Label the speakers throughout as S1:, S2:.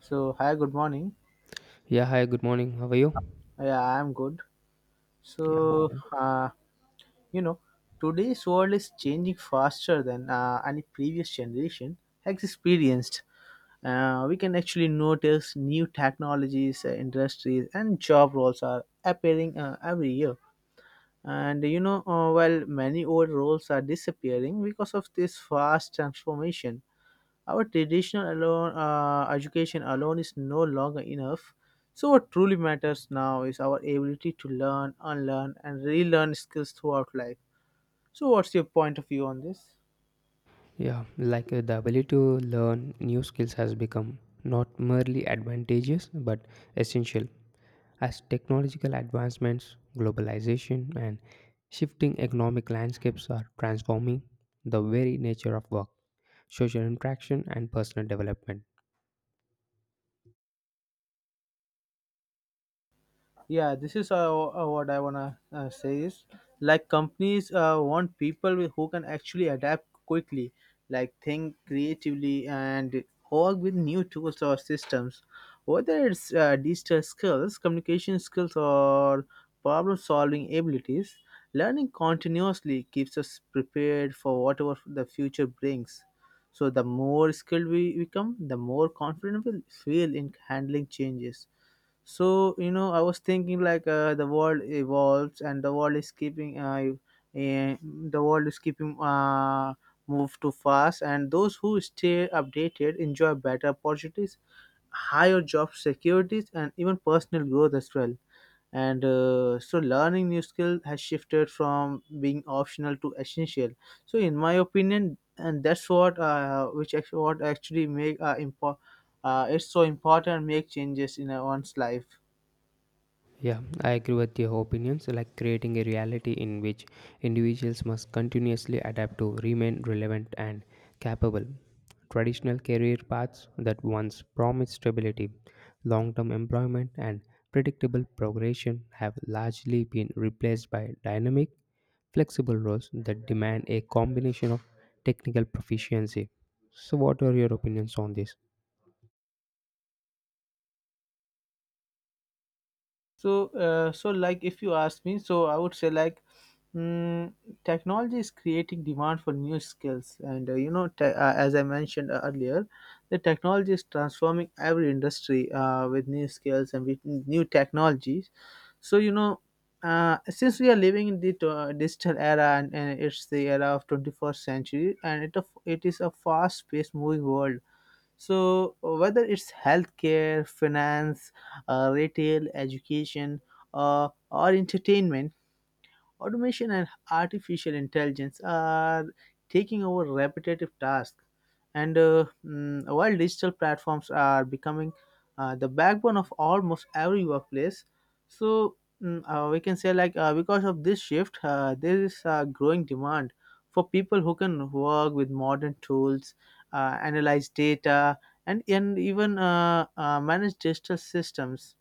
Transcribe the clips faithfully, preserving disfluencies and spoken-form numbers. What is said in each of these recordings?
S1: So, hi, good morning.
S2: Yeah, hi, good morning. How are you?
S1: Yeah, I'm good.
S2: Yeah.
S1: So, uh, you know, Today's world is changing faster than uh, any previous generation has experienced. Uh, we can actually notice new technologies, uh, industries, and job roles are appearing uh, every year. And you know, uh, while many old roles are disappearing because of this fast transformation, our traditional alone, uh, education alone is no longer enough. So, what truly matters now is our ability to learn, unlearn, and relearn skills throughout life. So, what's your point of view on this?
S2: Yeah, like uh, the ability to learn new skills has become not merely advantageous but essential as technological advancements, globalization, and shifting economic landscapes are transforming the very nature of work, social interaction, and personal development.
S1: Yeah, this is uh, uh, what I want to uh, say is like companies uh, want people with- who can actually adapt quickly, like think creatively and work with new tools or systems, whether it's uh, digital skills, communication skills, or problem solving abilities. Learning continuously keeps us prepared for whatever the future brings, so the more skilled we become, the more confident we feel in handling changes. So you know I was thinking like uh, the world evolves and the world is keeping uh, eh, the world is keeping uh, move too fast, and those who stay updated enjoy better opportunities, higher job securities, and even personal growth as well. And uh, so learning new skill has shifted from being optional to essential. So in my opinion, and that's what uh, which actually what actually make uh, impo- uh, it's so important make changes in uh, one's life.
S2: Yeah, I agree with your opinions, like creating a reality in which individuals must continuously adapt to remain relevant and capable. Traditional career paths that once promised stability, long term employment, and predictable progression have largely been replaced by dynamic, flexible roles that demand a combination of technical proficiency. So, what are your opinions on this?
S1: So, uh, so like if you ask me, so I would say like mm, technology is creating demand for new skills, and uh, you know, te- uh, as I mentioned uh, earlier, the technology is transforming every industry uh, with new skills and with new technologies. So you know. Uh, since we are living in the uh, digital era, and, and it's the era of twenty-first century, and it, of- it is a fast-paced moving world, so whether it's healthcare, finance, uh, retail, education, uh, or entertainment, automation and artificial intelligence are taking over repetitive tasks, and uh, mm, while digital platforms are becoming uh, the backbone of almost every workplace. So mm, uh, we can say like uh, because of this shift, uh, there is a growing demand for people who can work with modern tools, uh, analyze data, and, and even uh, uh, manage digital systems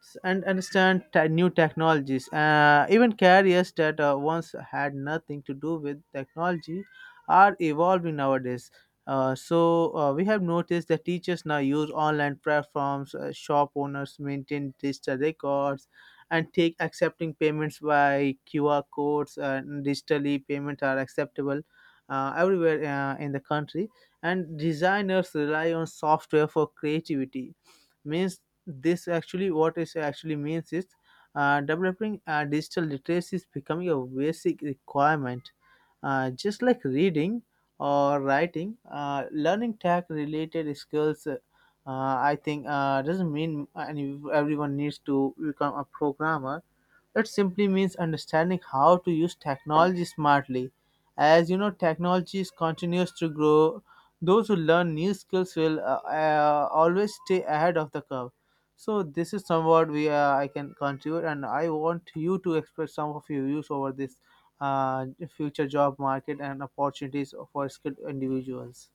S1: s- and understand te- new technologies. Uh, even careers that uh, once had nothing to do with technology are evolving nowadays. Uh, so uh, we have noticed that teachers now use online platforms, uh, shop owners maintain digital records, and take accepting payments by Q R codes. uh, And digitally, payments are acceptable uh, everywhere uh, in the country. And designers rely on software for creativity, means this actually what is actually means is uh, developing uh, digital literacy is becoming a basic requirement, uh, just like reading or writing. Uh, learning tech related skills, uh, I think, uh, doesn't mean any, everyone needs to become a programmer. That simply means understanding how to use technology smartly. As you know, technology is continues to grow. Those who learn new skills will uh, uh, always stay ahead of the curve. So this is somewhat we uh, I can contribute, and I want you to express some of your views over this uh, future job market and opportunities for skilled individuals.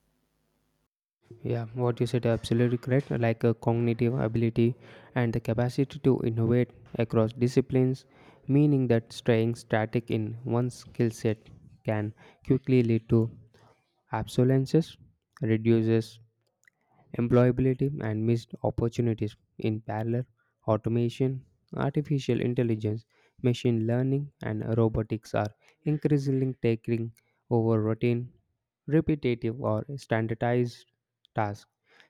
S2: Yeah, what you said absolutely correct. Like a cognitive ability and the capacity to innovate across disciplines, meaning that staying static in one skill set can quickly lead to obsolescence, reduces employability, and missed opportunities. In parallel, automation, artificial intelligence, machine learning, and robotics are increasingly taking over routine, repetitive, or standardized tasks,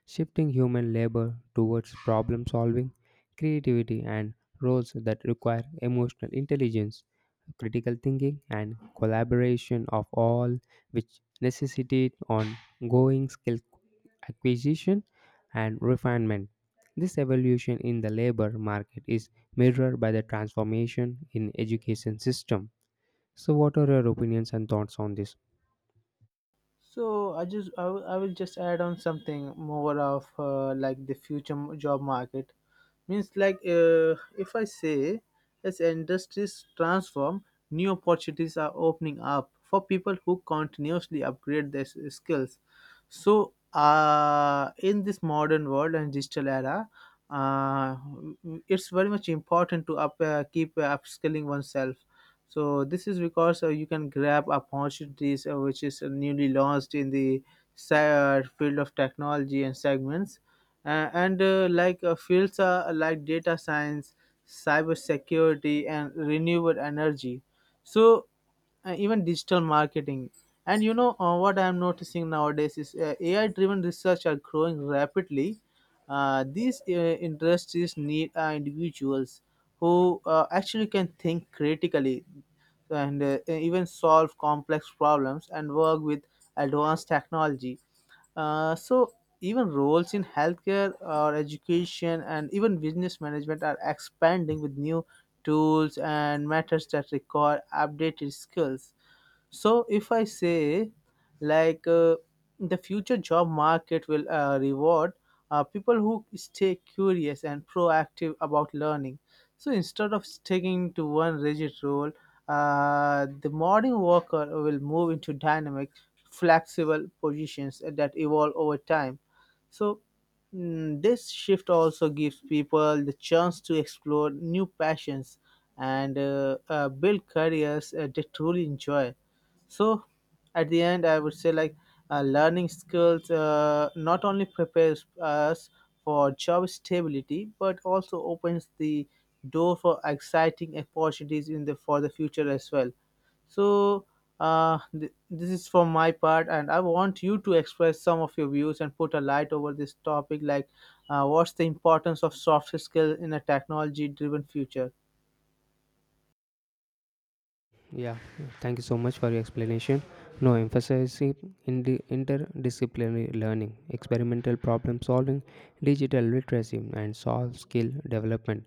S2: shifting human labor towards problem solving, creativity, and roles that require emotional intelligence, critical thinking, and collaboration of all which necessitate ongoing skill acquisition and refinement. This evolution in the labor market is mirrored by the transformation in education system. So, what are your opinions and thoughts on this?
S1: So I just I, will- I will just add on something more of uh, like the future m- job market, means like uh, if I say, as industries transform, new opportunities are opening up for people who continuously upgrade their s- skills. So uh, in this modern world and digital era, uh, it's very much important to up uh, keep uh, upskilling oneself. So this is because uh, you can grab opportunities uh, which is uh, newly launched in the se- uh, field of technology and segments, uh, and uh, like uh, fields uh, like data science, cybersecurity, and renewable energy. So uh, even digital marketing. And you know, uh, what I'm noticing nowadays is uh, A I-driven research are growing rapidly. Uh, these uh, Industries need uh, individuals who uh, actually can think critically and uh, even solve complex problems and work with advanced technology. Uh, so Even roles in healthcare or education and even business management are expanding with new tools and methods that require updated skills. So, if I say, like, uh, the future job market will uh, reward uh, people who stay curious and proactive about learning. So, instead of sticking to one rigid role, uh, the modern worker will move into dynamic, flexible positions that evolve over time. So, mm, this shift also gives people the chance to explore new passions and uh, uh, build careers uh, they truly enjoy. So at the end I would say like uh, learning skills uh, not only prepares us for job stability, but also opens the door for exciting opportunities in the for the future as well. So uh, th- this is from my part, and I want you to express some of your views and put a light over this topic, like uh, what's the importance of soft skills in a technology driven future.
S2: Yeah, thank you so much for your explanation. No, emphasizing in the interdisciplinary learning, experimental problem solving, digital literacy, and soft skill development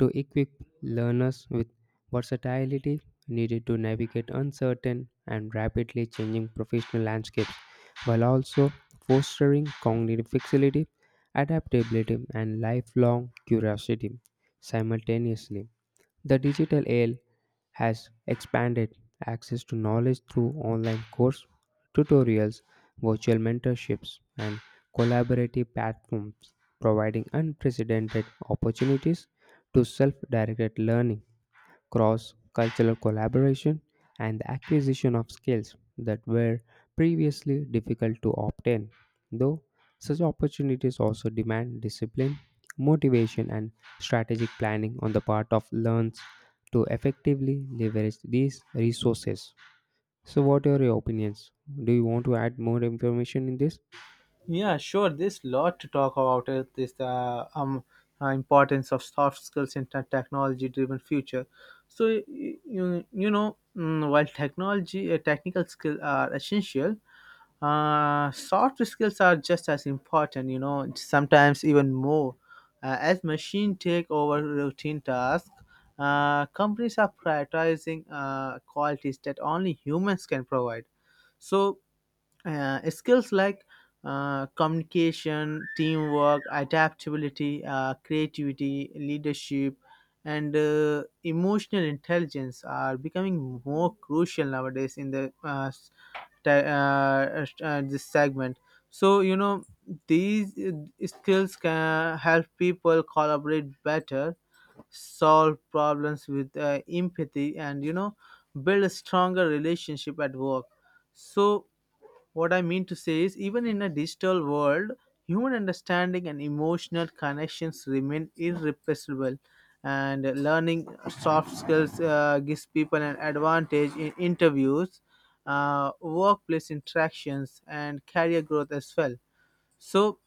S2: to equip learners with versatility needed to navigate uncertain and rapidly changing professional landscapes while also fostering cognitive flexibility, adaptability, and lifelong curiosity simultaneously. The digital age has expanded access to knowledge through online course, tutorials, virtual mentorships, and collaborative platforms, providing unprecedented opportunities to self directed learning cross cultural collaboration, and the acquisition of skills that were previously difficult to obtain. Though such opportunities also demand discipline, motivation, and strategic planning on the part of learners to effectively leverage these resources. So, what are your opinions? Do you want to add more information in this?
S1: Yeah, sure. There's a lot to talk about. It This uh, um uh, Importance of soft skills in a technology-driven future. So y- y- you you know, mm, while technology uh, technical skills are essential, uh, soft skills are just as important. You know, sometimes even more. Uh, as machine take over routine tasks, uh, companies are prioritizing uh, qualities that only humans can provide. So uh, skills like uh, communication, teamwork, adaptability, uh, creativity, leadership, and uh, emotional intelligence are becoming more crucial nowadays in the uh, s- te- uh, uh, this segment. So you know, these uh, skills can help people collaborate better, solve problems with uh, empathy, and you know, build a stronger relationship at work. So what I mean to say is, even in a digital world, human understanding and emotional connections remain irreplaceable. And learning soft skills uh, gives people an advantage in interviews, uh, workplace interactions, and career growth as well. So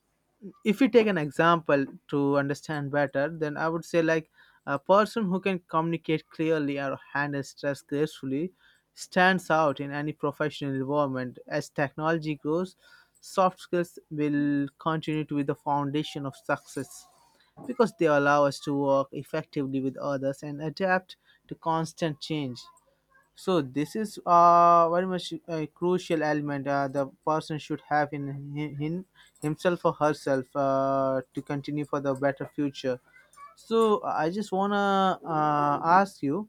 S1: if we take an example to understand better, then I would say like a person who can communicate clearly or handle stress gracefully stands out in any professional environment. As technology grows, soft skills will continue to be the foundation of success, because they allow us to work effectively with others and adapt to constant change. So this is uh, very much a crucial element uh, the person should have in, in, in himself or herself uh, to continue for the better future. So I just wanna uh, ask you,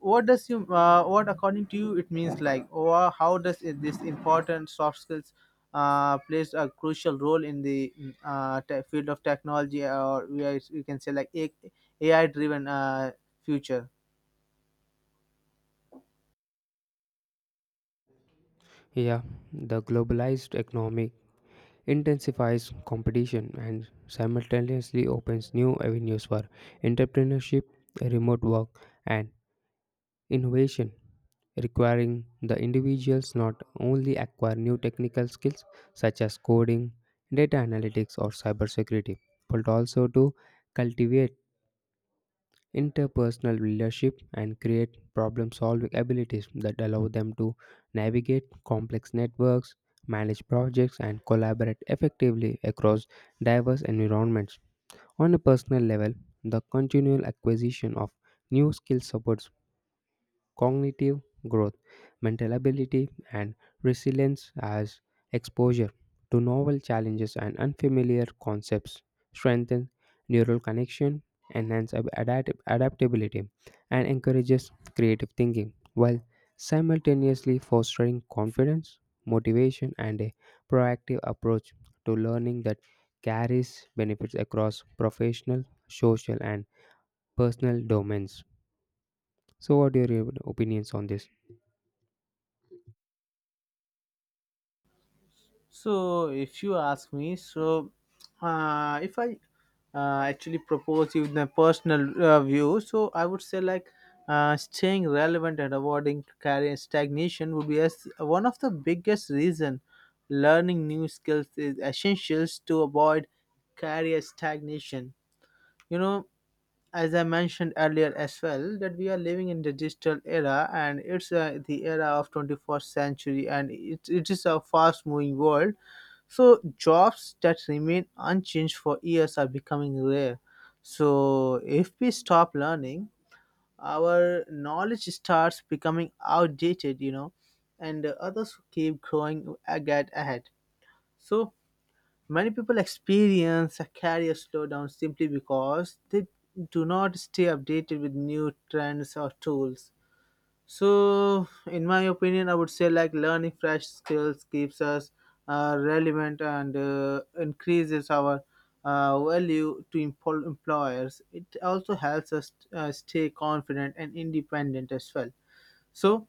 S1: what does you uh, what according to you it means, like, or how does it, this important soft skills uh, plays a crucial role in the mm, uh, te- field of technology, or we, are, we can say like A I driven uh, future?
S2: Yeah, the globalized economy intensifies competition and simultaneously opens new avenues for entrepreneurship, remote work, and innovation, requiring the individuals not only acquire new technical skills such as coding, data analytics, or cybersecurity, but also to cultivate interpersonal leadership and create problem solving abilities that allow them to navigate complex networks, manage projects, and collaborate effectively across diverse environments. On a personal level, the continual acquisition of new skills supports cognitive growth, mental ability, and resilience as exposure to novel challenges and unfamiliar concepts strengthens neural connection, enhances adapt- adaptability, and encourages creative thinking, while simultaneously fostering confidence, motivation, and a proactive approach to learning that carries benefits across professional, social, and personal domains. So, what are your opinions on this?
S1: So, if you ask me, so uh, if I uh, actually propose you my personal uh, view, so I would say like uh, staying relevant and avoiding career stagnation would be as one of the biggest reason. Learning new skills is essential to avoid career stagnation. You know, as I mentioned earlier as well, that we are living in the digital era, and it's uh, the era of twenty-first century, and it, it is a fast-moving world. So jobs that remain unchanged for years are becoming rare. So if we stop learning, our knowledge starts becoming outdated, you know, and others keep growing a- get ahead. So many people experience a career slowdown simply because they do not stay updated with new trends or tools. So, in my opinion, I would say like learning fresh skills keeps us uh, relevant and uh, increases our uh, value to empl- employers. It also helps us uh, stay confident and independent as well. So,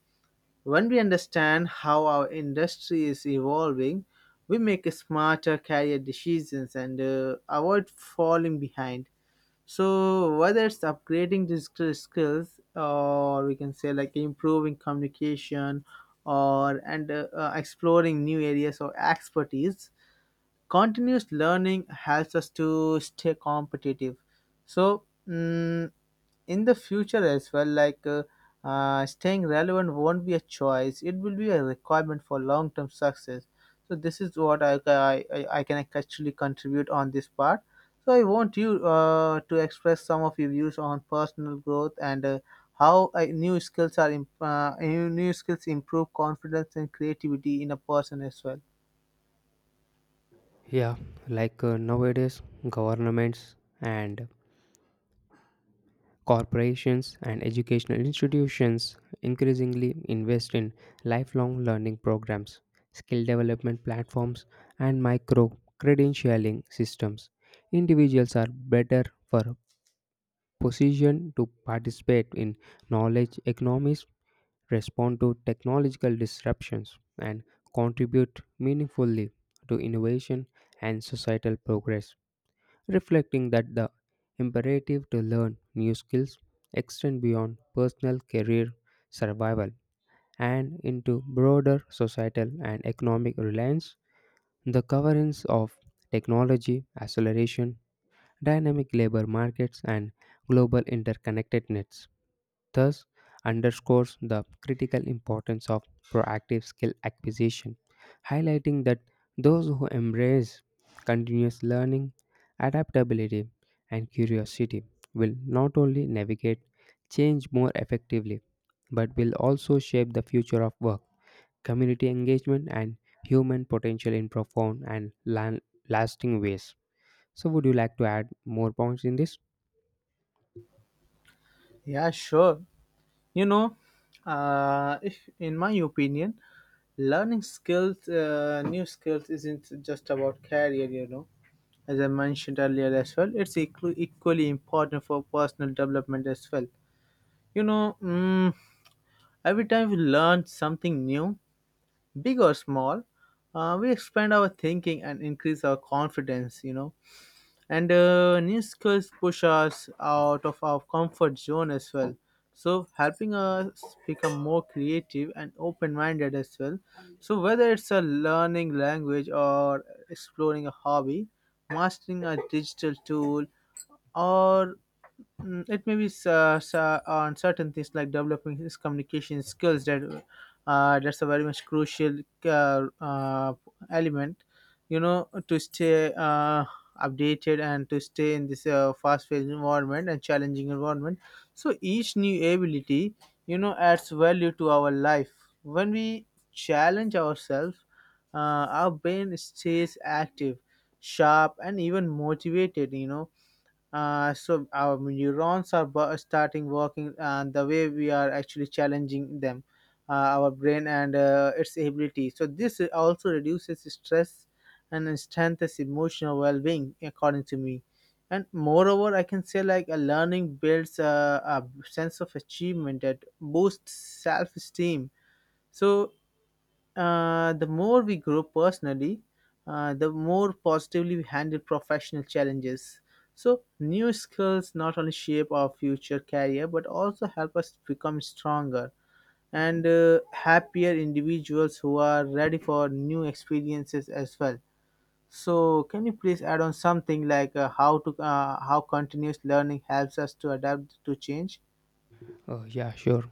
S1: when we understand how our industry is evolving, we make smarter career decisions and uh, avoid falling behind. So, whether it's upgrading these skill- skills, or we can say like improving communication, or and uh, uh, exploring new areas of expertise, continuous learning helps us to stay competitive. So mm, in the future as well, like uh, uh, staying relevant won't be a choice, it will be a requirement for long-term success. So this is what i, I, I I can actually contribute on this part. So I want you uh, to express some of your views on personal growth and uh, how uh, new skills are imp- uh, new new skills improve confidence and creativity in a person as well.
S2: Yeah, like uh, nowadays, governments and corporations and educational institutions increasingly invest in lifelong learning programs, skill development platforms, and micro credentialing systems. Individuals are better for position to participate in knowledge economies, respond to technological disruptions, and contribute meaningfully to innovation and societal progress reflecting that the imperative to learn new skills extend beyond personal career survival and into broader societal and economic reliance. The coverings of technology, acceleration, dynamic labor markets, and global interconnectedness thus underscores the critical importance of proactive skill acquisition, highlighting that those who embrace continuous learning, adaptability, and curiosity will not only navigate change more effectively, but will also shape the future of work, community engagement, and human potential in profound and lan- lasting ways. So, would you like to add more points in this?
S1: Yeah, sure. You know, uh, if in my opinion, learning skills, uh, new skills, isn't just about career. You know, as I mentioned earlier as well, it's equ- equally important for personal development as well. You know, mm, every time we learn something new, big or small, uh, we expand our thinking and increase our confidence. You know, and uh, new skills push us out of our comfort zone as well, so helping us become more creative and open-minded as well. So whether it's a learning language, or exploring a hobby, mastering a digital tool, or mm, it may be s- uh, s- uh, on certain things like developing his communication skills, that uh, that's a very much crucial uh, uh, element, you know, to stay uh, updated and to stay in this uh, fast-paced environment and challenging environment. So each new ability, you know, adds value to our life. When we challenge ourselves, uh, our brain stays active, sharp, and even motivated, you know. Uh, so our neurons are bu- starting working, and the way we are actually challenging them, uh, our brain and uh, its ability, so this also reduces stress and strengthens emotional well-being, according to me. And moreover, I can say like a learning builds a, a sense of achievement that boosts self-esteem. So uh, the more we grow personally, uh, the more positively we handle professional challenges. So, new skills not only shape our future career, but also help us become stronger and uh, happier individuals who are ready for new experiences as well. So, can you please add on something like uh, how to uh, how continuous learning helps us to adapt to change?
S2: Uh, yeah, sure.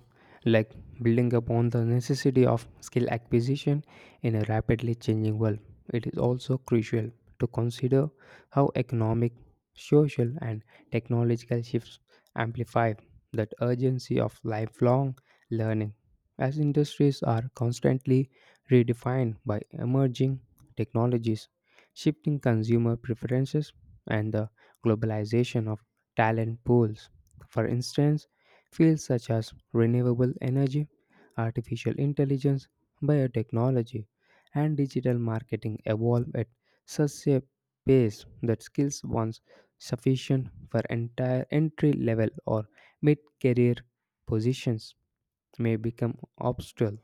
S2: Like building upon the necessity of skill acquisition in a rapidly changing world, it is also crucial to consider how economic, social, and technological shifts amplify that urgency of lifelong learning. As industries are constantly redefined by emerging technologies, shifting consumer preferences, and the globalization of talent pools. For instance, fields such as renewable energy, artificial intelligence, biotechnology, and digital marketing evolve at such a pace that skills once sufficient for entire entry level or mid career positions may become obstacle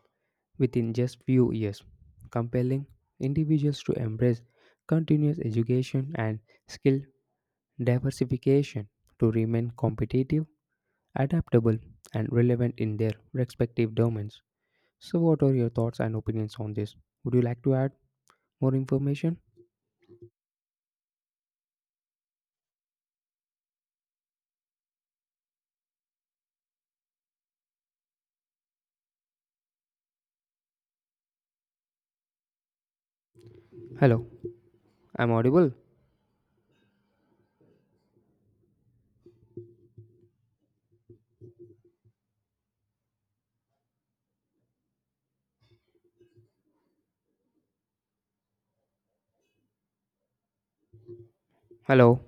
S2: within just few years, compelling individuals to embrace continuous education and skill diversification to remain competitive adaptable, and relevant in their respective domains. So, what are your thoughts and opinions on this? Would you like to add more information? Hello, I'm audible. Hello,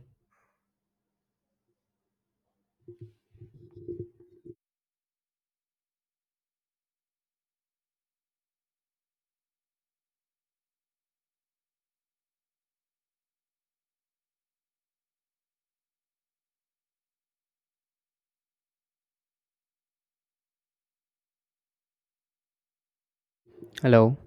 S2: hello.